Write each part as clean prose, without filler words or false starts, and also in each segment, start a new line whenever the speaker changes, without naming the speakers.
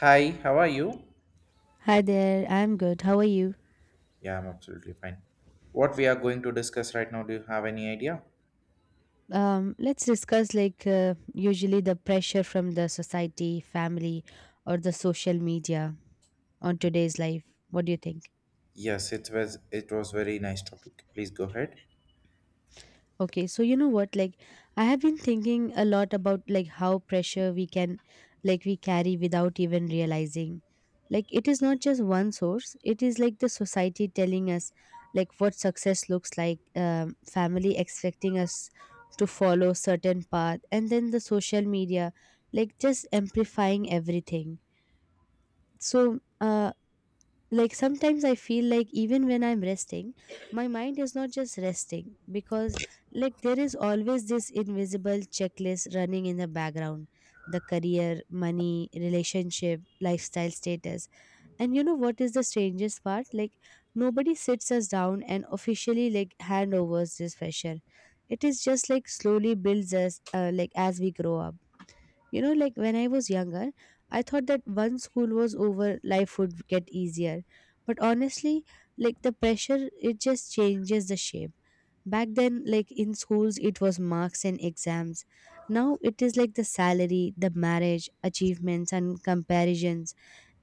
Hi, how are you?
Hi there, I'm good. How are you?
Yeah, I'm absolutely fine. What we are going to discuss right now, do you have any idea?
Let's discuss like usually the pressure from the society, family, or the social media on today's life. What do you think?
Yes, it was very nice topic. Please go ahead.
Okay, so you know what? Like, I have been thinking a lot about like how pressure we can, like, we carry without even realizing. Like, it is not just one source. It is like the society telling us, like, what success looks like. Family expecting us to follow certain path, and then the social media, like, just amplifying everything. So, like sometimes I feel like even when I'm resting, my mind is not just resting, because like there is always this invisible checklist running in the background: the career, money, relationship, lifestyle, status. And you know what is the strangest part? Like, nobody sits us down and officially like hand overs this pressure. It is just like slowly builds us like as we grow up. You know, like when I was younger, I thought that once school was over, life would get easier. But honestly, like the pressure, it just changes the shape. Back then, like in schools, it was marks and exams. Now it is like the salary, the marriage, achievements, and comparisons.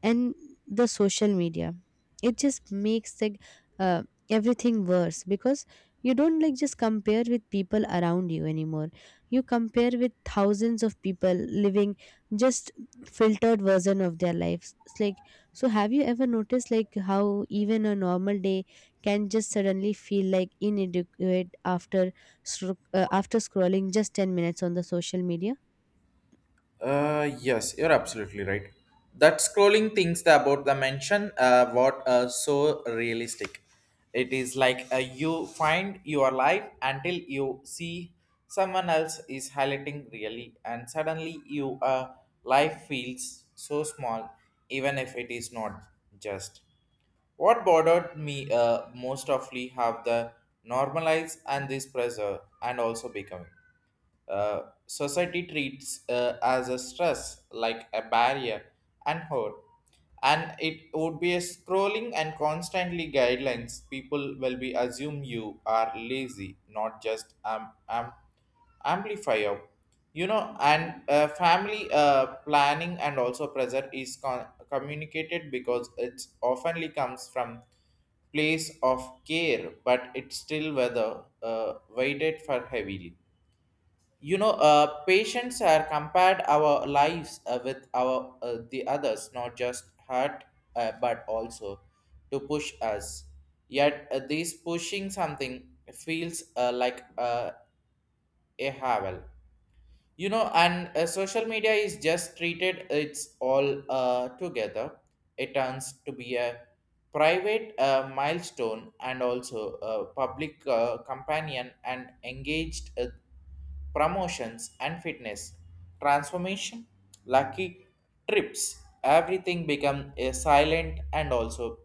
And the social media, it just makes the uh, everything worse, because you don't like just compare with people around you anymore. You compare with thousands of people living just filtered version of their lives. It's like, so have you ever noticed like how even a normal day can just suddenly feel like inadequate after after scrolling just 10 minutes on the social media?
Yes, you're absolutely right. That scrolling things that about the mention what so realistic. It is like you find your life until you see someone else is highlighting really, and suddenly you life feels so small, even if it is not just. What bothered me most awfully have the normalize and this pressure and also becoming. Uh, Society treats as a stress, like a barrier and hurt. And it would be a scrolling and constantly guidelines. People will be assume you are lazy, not just amplifier. You know, and family planning and also pressure is communicated because it oftenly comes from place of care, but it's still whether weighted for heavily, you know, patients are compared our lives with our the others not just hurt but also to push us yet this pushing something feels like a havel, you know, and social media is just treated it's all together, it turns to be a private milestone and also a public companion and engaged promotions and fitness, transformation, lucky trips, everything become a silent and also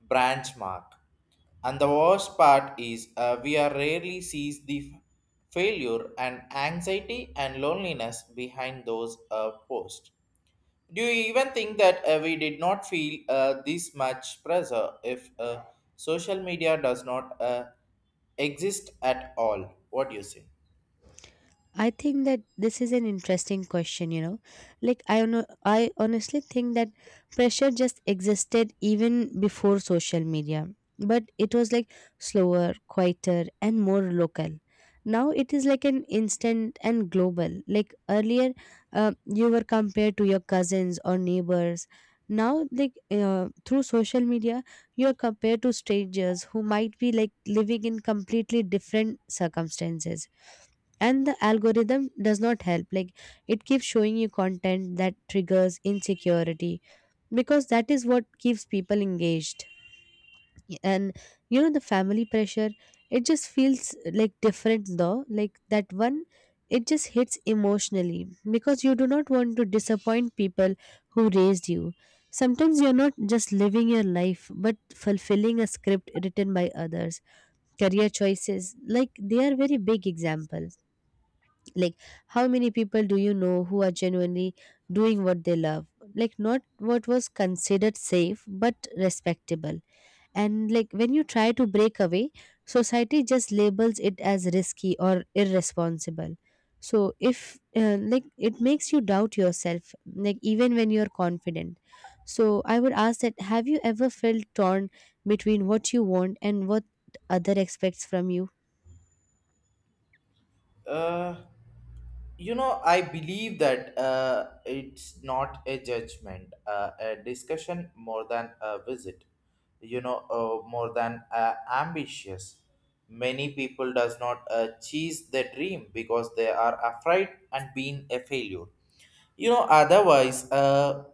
branch mark. And the worst part is we are rarely sees the failure and anxiety and loneliness behind those posts. Do you even think that we did not feel this much pressure if social media does not exist at all? What do you say?
I think that this is an interesting question, you know. Like I honestly think that pressure just existed even before social media, but it was like slower, quieter and more local. Now it is like an instant and global. Like earlier, you were compared to your cousins or neighbors. Now, like through social media, you are compared to strangers who might be like living in completely different circumstances. And the algorithm does not help, like it keeps showing you content that triggers insecurity, because that is what keeps people engaged. And you know, the family pressure, it just feels like different though, like that one, it just hits emotionally, because you do not want to disappoint people who raised you. Sometimes you're not just living your life but fulfilling a script written by others. Career choices, like they are very big example. Like, how many people do you know who are genuinely doing what they love? Like, not what was considered safe, but respectable. And like, when you try to break away, society just labels it as risky or irresponsible. So, if like it makes you doubt yourself, like, even when you're confident. So, I would ask that have you ever felt torn between what you want and what other expects from you?
Uh, you know, I believe that it's not a judgment a discussion more than a visit, you know, more than ambitious, many people does not chase their dream because they are afraid and being a failure, you know, otherwise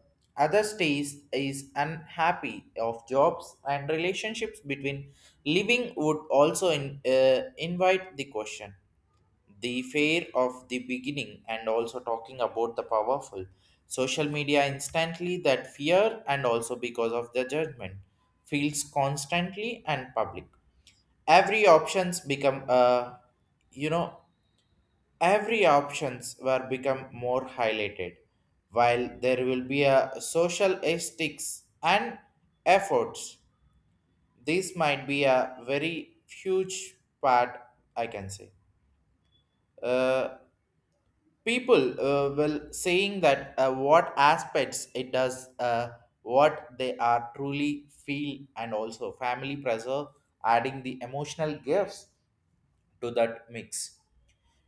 other stays is unhappy of jobs and relationships between living would also in, invite the question, the fear of the beginning and also talking about the powerful social media instantly that fear and also because of the judgment feels constantly and public, every options become you know, every options were become more highlighted while there will be a social ethics and efforts. This might be a very huge part, I can say. uh. People will saying that what aspects it does what they are truly feel and also family pressure adding the emotional gifts to that mix.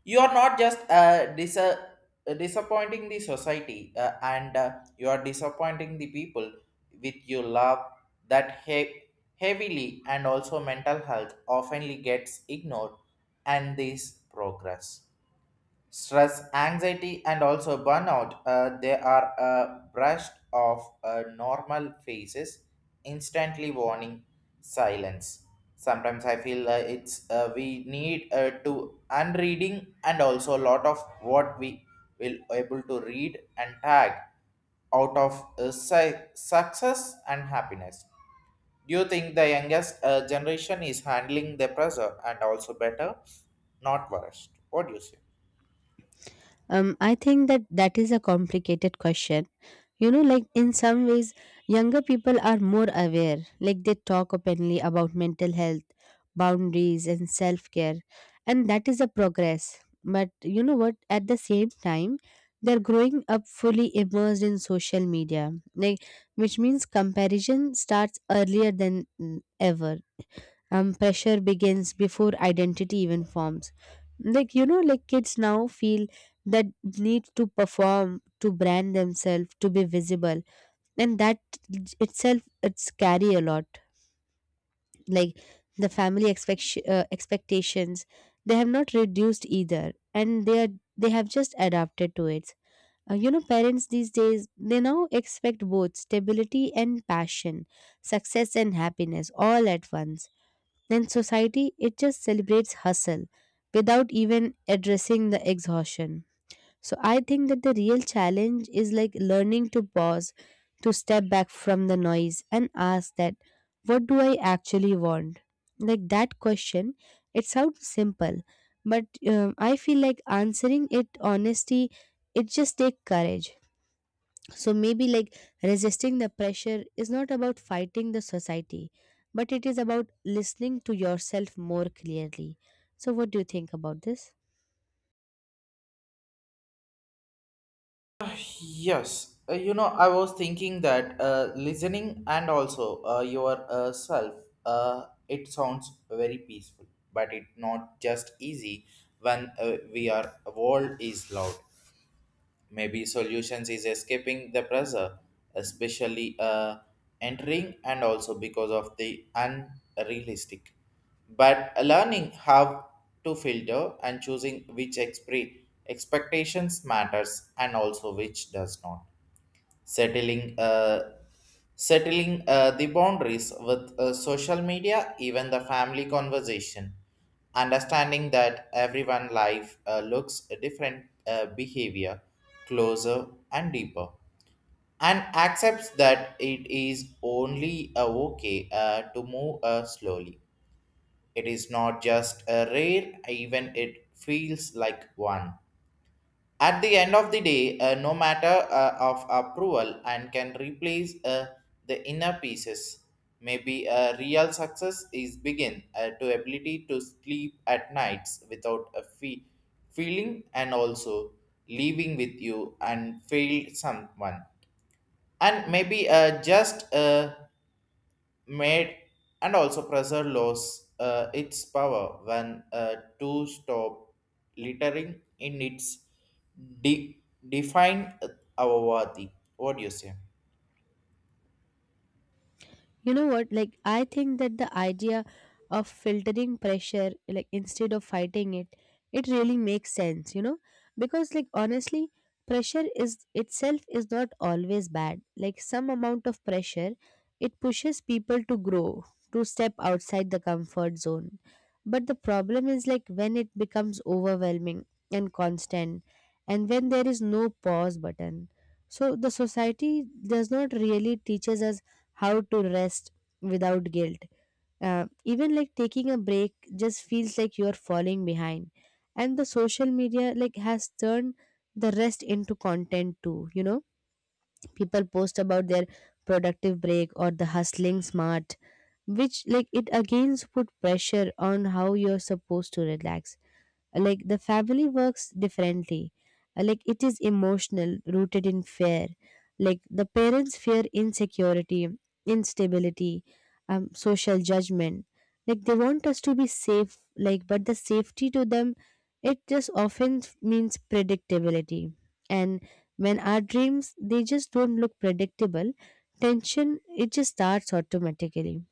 You are not just disappointing the society, and you are disappointing the people with your love. that he- Heavily and also mental health oftenly gets ignored, and this progress. Stress, anxiety, and also burnout, they are brushed off normal faces, instantly warning silence. Sometimes I feel it's we need to unreading and also a lot of what we will able to read and tag out of success and happiness. Do you think the youngest generation is handling the pressure and also better, not worse? What do you say?
I think that that is a complicated question, you know. Like in some ways younger people are more aware, like they talk openly about mental health, boundaries and self-care, and that is a progress. But you know what, at the same time they're growing up fully immersed in social media, like which means comparison starts earlier than ever. Pressure begins before identity even forms, like you know, like kids now feel that need to perform, to brand themselves, to be visible. And that itself it's carry a lot, like the family expectations, they have not reduced either, and they have just adapted to it. You know, parents these days they now expect both stability and passion, success and happiness all at once. Then society it just celebrates hustle without even addressing the exhaustion. So I think that the real challenge is like learning to pause, to step back from the noise and ask that, what do I actually want? Like that question, it sounds simple, but I feel like answering it honesty, it just takes courage. So maybe like resisting the pressure is not about fighting the society, but it is about listening to yourself more clearly. So what do you think about this?
Yes, you know, I was thinking that listening and also your self, it sounds very peaceful, but it not just easy when we are world is loud. Maybe solutions is escaping the pressure, especially entering and also because of the unrealistic. But learning how to filter and choosing which expectations matters and also which does not, settling uh, settling the boundaries with social media, even the family conversation, understanding that everyone life looks a different behavior closer and deeper, and accepts that it is only okay to move slowly. It is not just a rare even it feels like one. At the end of the day, no matter of approval and can replace the inner pieces. Maybe a real success is begin to ability to sleep at nights without a feeling and also living with you and failed someone. And maybe just made and also pressure loss its power when to stop littering in its de- defined avavati. What do you say?
You know what? Like, I think that the idea of filtering pressure, like, instead of fighting it, it really makes sense, you know? Because, like, honestly, pressure is itself is not always bad. Like, some amount of pressure, it pushes people to grow, to step outside the comfort zone. But the problem is, like, when it becomes overwhelming and constant, and when there is no pause button. So, the society does not really teaches us how to rest without guilt. Even like taking a break just feels like you're falling behind. And the social media like has turned the rest into content too. You know, people post about their productive break or the hustling smart, which like it again put pressure on how you're supposed to relax. Like the family works differently. Like it is emotional rooted in fear, like the parents fear insecurity, instability, social judgment. Like they want us to be safe, like but the safety to them it just often means predictability. And when our dreams they just don't look predictable, tension it just starts automatically.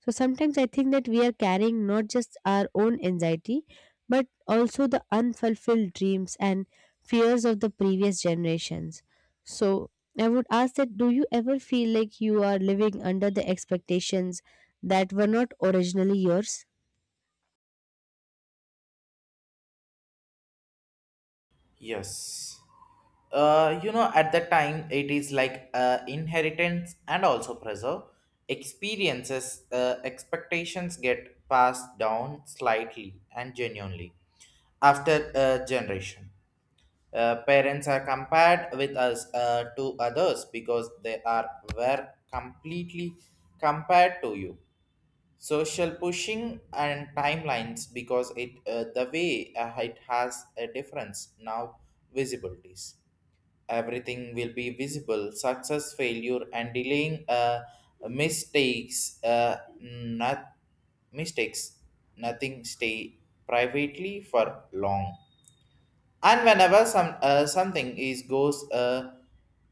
So sometimes I think that we are carrying not just our own anxiety, but also the unfulfilled dreams and fears of the previous generations. So I would ask that do you ever feel like you are living under the expectations that were not originally yours?
Yes. You know, at the time, it is like inheritance and also preserve. Experiences, expectations get passed down slightly and genuinely after a generation. Parents are compared with us to others because they are were completely compared to you. Social pushing and timelines because it the way it has a difference now visibilities. Everything will be visible. Success, failure, and delaying mistakes. Uh, not mistakes. Nothing stay privately for long, and whenever some something is goes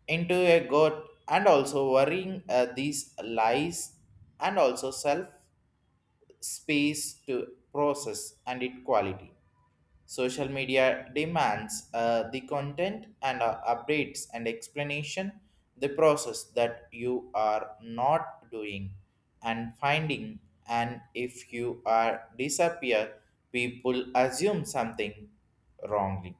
into a gut and also worrying these lies and also self space to process and it quality. Social media demands the content and updates and explanation, the process that you are not doing and finding, and if you are disappear, people assume something wrongly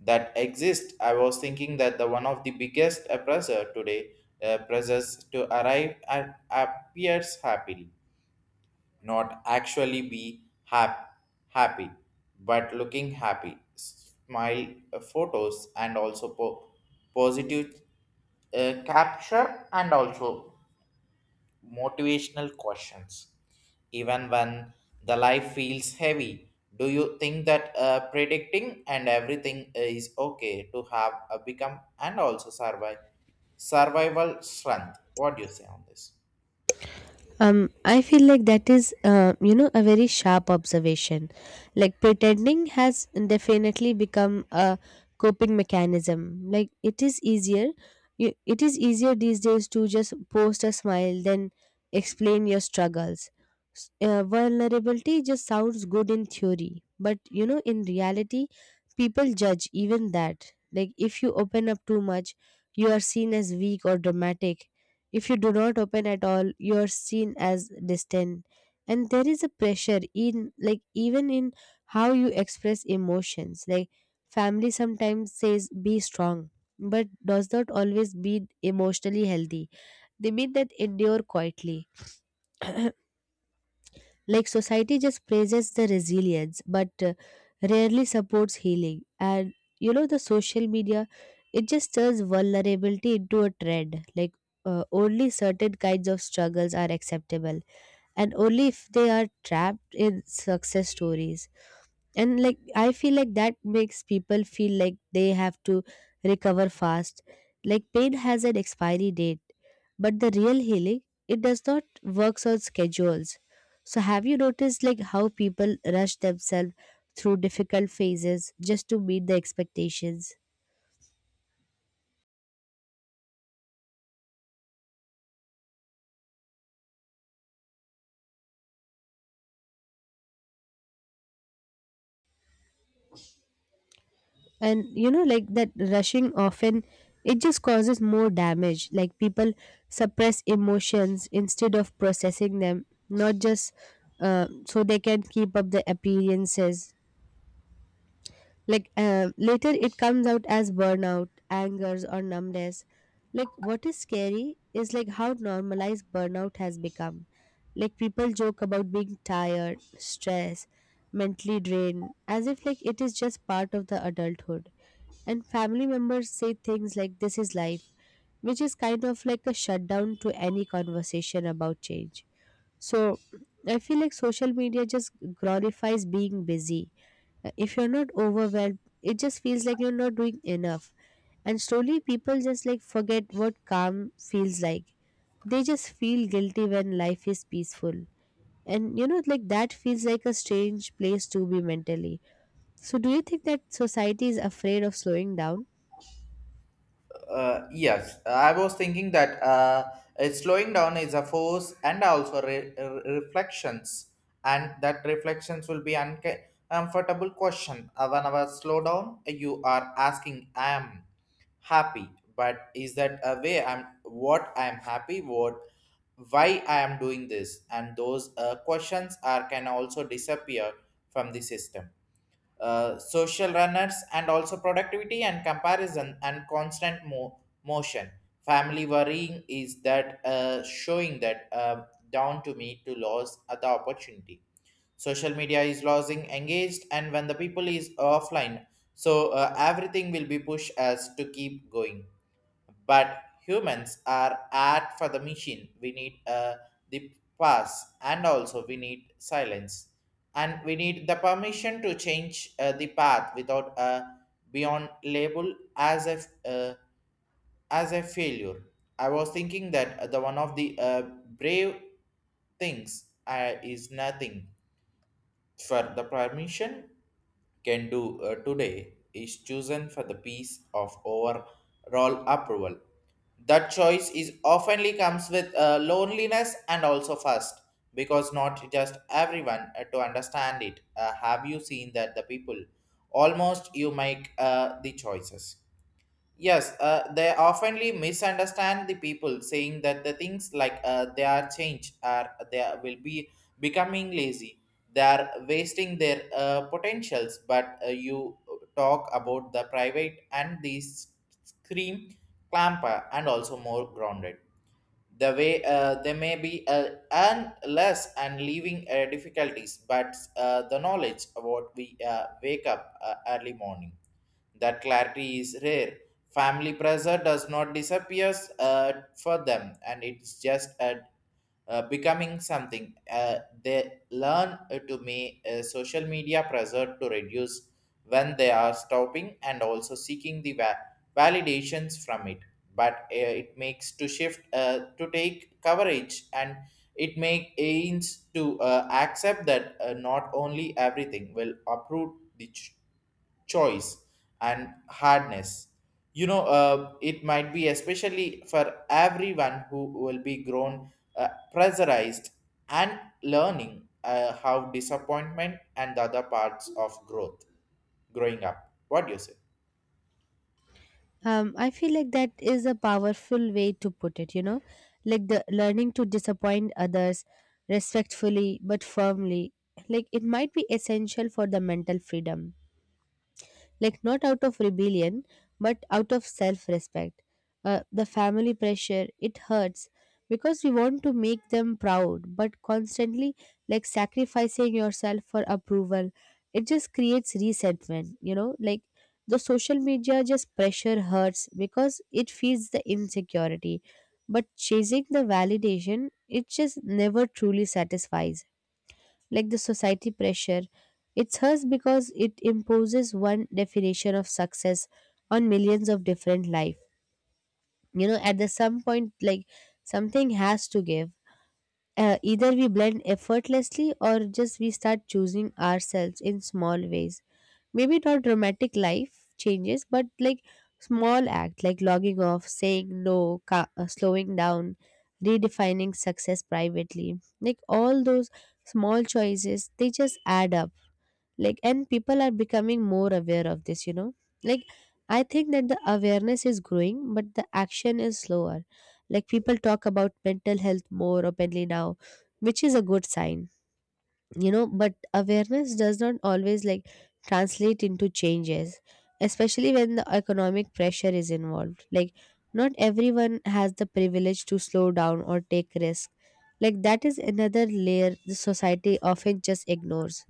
that exist. I was thinking that the one of the biggest oppressor today, pressures to arrive at appears happily, not actually be happy but looking happy smile, photos and also positive capture and also motivational questions. Even when the life feels heavy, do you think that predicting and everything is okay to have a become and also survive survival strength? What do you say on this?
I feel like that is a very sharp observation. Like pretending has definitely become a coping mechanism. Like it is easier, it is easier these days to just post a smile than explain your struggles. Vulnerability just sounds good in theory, but you know, in reality, people judge even that. Like if you open up too much, you are seen as weak or dramatic. If you do not open at all, you are seen as distant. And there is a pressure in like even in how you express emotions. Like family sometimes says be strong, but does not always mean emotionally healthy. They mean that endure quietly. Like society just praises the resilience, but rarely supports healing. And you know, the social media, it just turns vulnerability into a trend. Like only certain kinds of struggles are acceptable, and only if they are trapped in success stories. And like I feel like that makes people feel like they have to recover fast, like pain has an expiry date. But the real healing, it does not works on schedules. So have you noticed, like how people rush themselves through difficult phases just to meet the expectations? And you know, like that rushing often it just causes more damage. Like people suppress emotions instead of processing them, not just so they can keep up the appearances. Like later it comes out as burnout angers or numbness. Like what is scary is like how normalized burnout has become. Like people joke about being tired stressed mentally drained as if like it is just part of the adulthood. And family members say things like, "This is life," which is kind of like a shutdown to any conversation about change. So I feel like social media just glorifies being busy. If you're not overwhelmed, it just feels like you're not doing enough. And slowly people just like forget what calm feels like. They just feel guilty when life is peaceful. And you know, like that feels like a strange place to be mentally. So, do you think that society is afraid of slowing down?
Yes, I was thinking that slowing down is a force and also reflections, and that reflections will be uncomfortable question. When I slow down, you are asking, "I am happy," but is that a way? I'm what I am happy. What why I am doing this, and those questions are can also disappear from the system, social runners and also productivity and comparison and constant motion. Family worrying is that showing that down to me to lose at the opportunity. Social media is losing engaged and when the people is offline, so everything will be pushed as to keep going. But humans are art for the machine. We need the pass, and also we need silence, and we need the permission to change the path without beyond label uh, as a failure. I was thinking that the one of the brave things is nothing for the permission can do today is chosen for the peace of overall approval. That choice is oftenly comes with loneliness and also fast, because not just everyone to understand it. Have you seen that the people almost you make the choices? Yes, they oftenly misunderstand the people, saying that the things like they are changed or will be becoming lazy. They are wasting their potentials. But you talk about the private and the scream clamper and also more grounded. The way they may be earn less and leaving difficulties, but the knowledge about we wake up early morning, that clarity is rare. Family pressure does not disappear uh, for them, and it's just becoming something. They learn to make social media pressure to reduce when they are stopping and also seeking the validations from it. But it makes to shift to take coverage and it make aims to accept that not only everything will approve the choice and hardness. You know it might be especially for everyone who will be grown pressurized and learning how disappointment and the other parts of growth growing up. What do you say?
I feel like that is a powerful way to put it, you know, like the learning to disappoint others respectfully but firmly. Like it might be essential for the mental freedom, like not out of rebellion but out of self-respect. The family pressure it hurts because we want to make them proud, but constantly like sacrificing yourself for approval it just creates resentment. You know, like the social media just pressure hurts because it feeds the insecurity, but chasing the validation it just never truly satisfies. Like the society pressure. It's hers because it imposes one definition of success on millions of different life. You know, at the some point, like, something has to give. Either we blend effortlessly or just we start choosing ourselves in small ways, maybe not dramatic life changes but like small act like logging off, saying no, slowing down, redefining success privately, like all those small choices they just add up. Like, and people are becoming more aware of this, you know. Like, I think that the awareness is growing but the action is slower. Like, people talk about mental health more openly now, which is a good sign, you know. But awareness does not always like translate into changes, especially when the economic pressure is involved. Like, not everyone has the privilege to slow down or take risk. Like that is another layer the society often just ignores.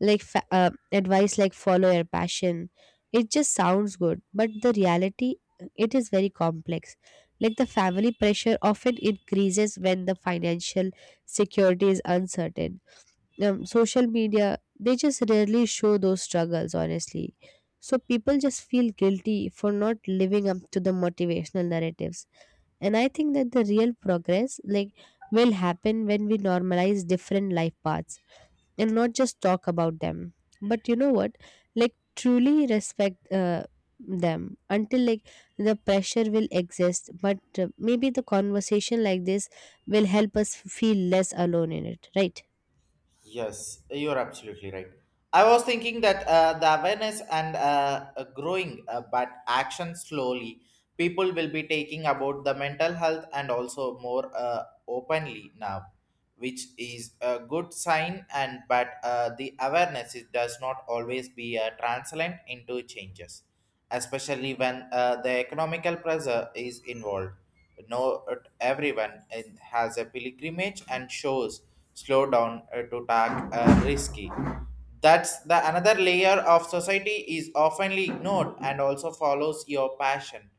Like advice like follow your passion, it just sounds good but the reality, it is very complex. Like the family pressure often increases when the financial security is uncertain. Social media, they just rarely show those struggles honestly, so people just feel guilty for not living up to the motivational narratives. And I think that the real progress like will happen when we normalize different life paths and not just talk about them but, you know what, like truly respect them. Until like the pressure will exist, but maybe the conversation like this will help us feel less alone in it, right?
Yes, you're absolutely right. I was thinking that the awareness and growing, but action slowly, people will be taking about the mental health and also more openly now, which is a good sign. And but the awareness is, does not always be translate into changes, especially when the economical pressure is involved. Not everyone has a pilgrimage and shows slow down to tag risky. That's the another layer of society is oftenly ignored, and also follows your passion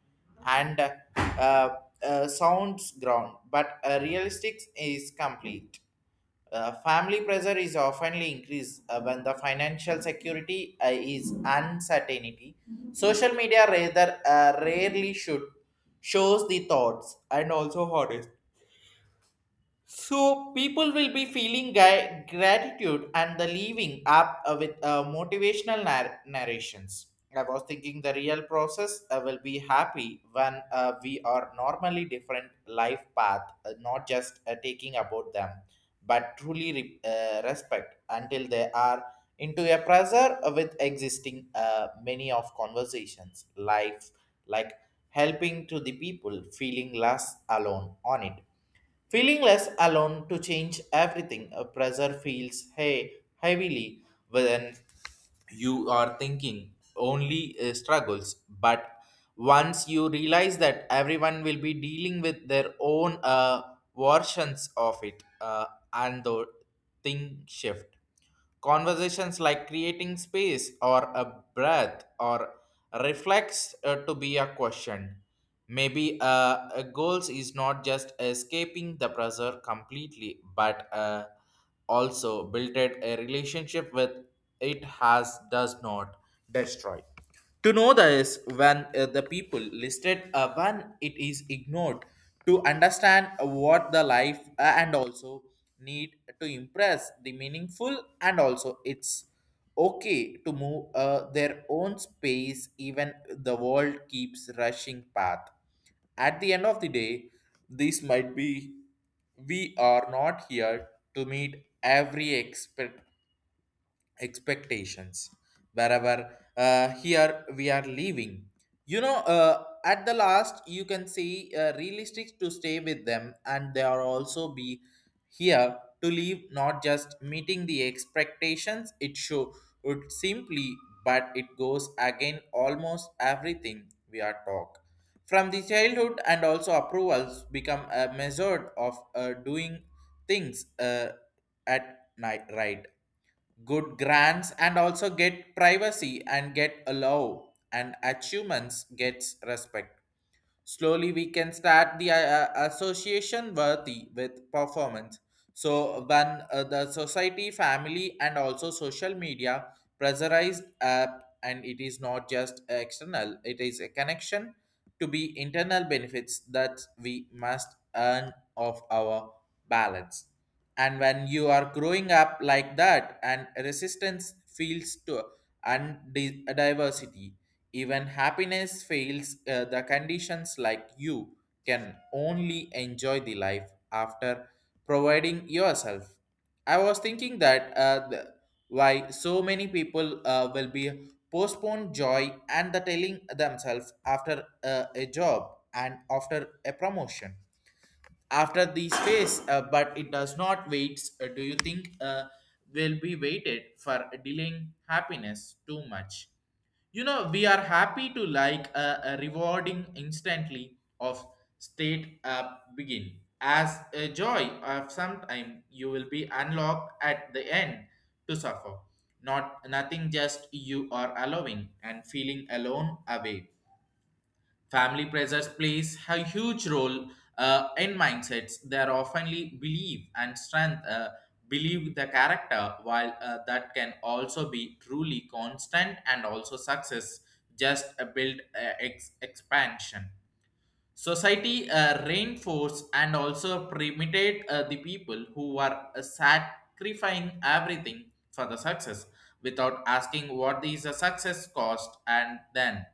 and uh, sounds ground, but realistic is complete. Family pressure is oftenly increased when the financial security is uncertainty. Social media rather rarely should shows the thoughts and also hardest. So people will be feeling gratitude and the leaving up with motivational narrations. I was thinking the real process will be happy when we are normally different life path, not just taking about them, but truly respect until they are into a pressure with existing many of conversations, life like helping to the people feeling less alone on it. Feeling less alone to change everything, a pressure feels hey, heavily when you are thinking only struggles. But once you realize that everyone will be dealing with their own versions of it, and the thing shift. Conversations like creating space or a breath or reflex to be a question. Maybe a goals is not just escaping the pressure completely, but also built a relationship with it has does not destroy. To know this, when the people listed, when it is ignored, to understand what the life and also need to impress the meaningful, and also it's okay to move their own space, even the world keeps rushing path. At the end of the day, this might be we are not here to meet every expert expectations wherever here we are living, you know, at the last you can see realistic to stay with them and they are also be here to live not just meeting the expectations it show would simply, but it goes again almost everything we are talk from the childhood and also approvals become a measure of doing things, at night, right? Good grants and also get privacy and get a law and achievements gets respect. Slowly, we can start the association worthy with performance. So, when the society, family, and also social media pressurized app, and it is not just external, it is a connection to be internal benefits that we must earn of our balance. And when you are growing up like that, and resistance feels to and diversity, even happiness fails the conditions like you can only enjoy the life after providing yourself. I was thinking that why so many people will be postponed joy and the telling themselves after a job and after a promotion after these phase, but it does not wait. Do you think will be waited for delaying happiness too much, you know, we are happy to like a rewarding instantly of state begin as a joy of some time you will be unlocked at the end to suffer, not nothing just you are allowing and feeling alone away. Family pressures plays a huge role in mindsets. They are oftenly believe and strength, believe the character, while that can also be truly constant and also success just a build expansion. Society reinforce and also primitate the people who are sacrificing everything for the success without asking what is the success cost. And then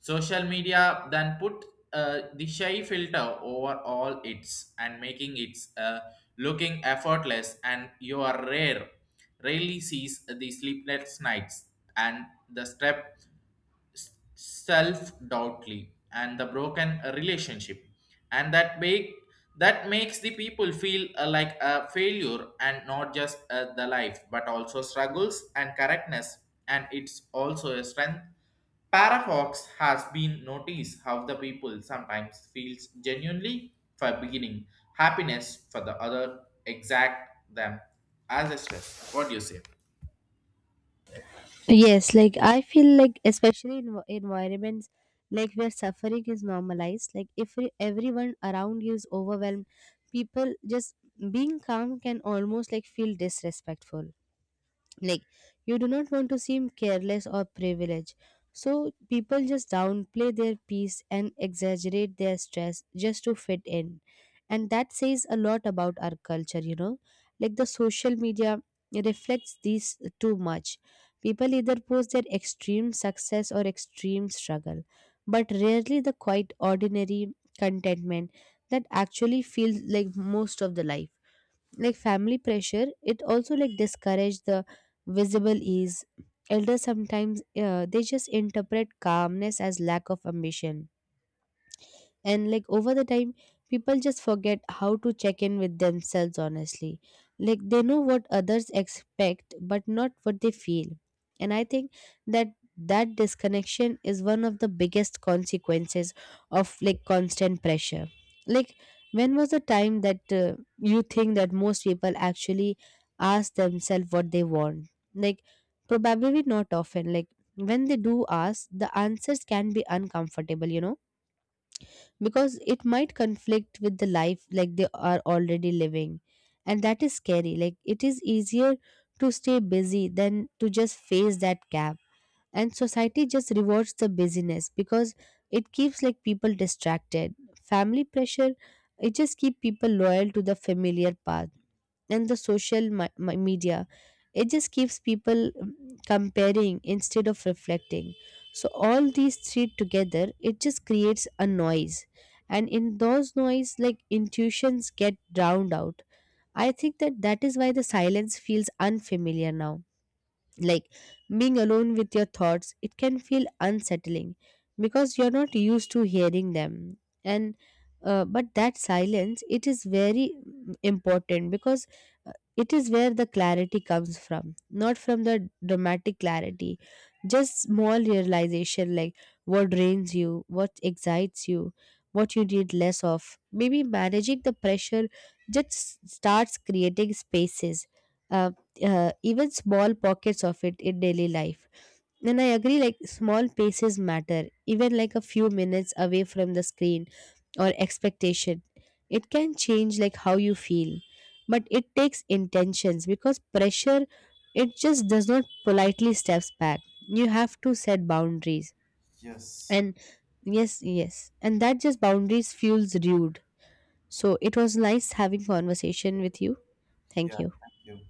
social media then put the shy filter over all its and making its looking effortless and you are rarely sees the sleepless nights and the stress, self-doubtly and the broken relationship. And that makes the people feel like a failure and not just the life but also struggles and correctness, and it's also a strength paradox has been noticed how the people sometimes feels genuinely for beginning happiness for the other exact them as a stress. What do you say?
Yes, like I feel like especially in environments, like where suffering is normalized, like if everyone around you is overwhelmed, people just being calm can almost like feel disrespectful. Like, you do not want to seem careless or privileged, so people just downplay their peace and exaggerate their stress just to fit in. And that says a lot about our culture, you know. Like the social media reflects these too much. People either post their extreme success or extreme struggle, but rarely the quite ordinary contentment that actually feels like most of the life. Like family pressure, it also like discourage the visible ease. Elders sometimes they just interpret calmness as lack of ambition. And like over the time, people just forget how to check in with themselves honestly. Like they know what others expect but not what they feel. And I think that disconnection is one of the biggest consequences of like constant pressure. Like when was the time that you think that most people actually ask themselves what they want? Like, probably not often. Like when they do ask, the answers can be uncomfortable, you know, because it might conflict with the life like they are already living. And that is scary. Like it is easier to stay busy than to just face that gap. And society just rewards the busyness because it keeps like people distracted. Family pressure, it just keep people loyal to the familiar path. And the social media, it just keeps people comparing instead of reflecting. So all these three together, it just creates a noise, and in those noise like intuitions get drowned out. I think that is why the silence feels unfamiliar now. Like being alone with your thoughts, it can feel unsettling because you're not used to hearing them. And but that silence, it is very important, because it is where the clarity comes from, not from the dramatic clarity, just small realization like what drains you, what excites you, what you need less of. Maybe managing the pressure just starts creating spaces, uh, even small pockets of it in daily life. And I agree, like small paces matter, even like a few minutes away from the screen or expectation. It can change like how you feel, but it takes intentions because pressure, it just does not politely steps back. You have to set boundaries,
Yes.
and yes, yes, and that just boundaries feels rude. So it was nice having conversation with you. Thank
Yeah.
you.
Thank you.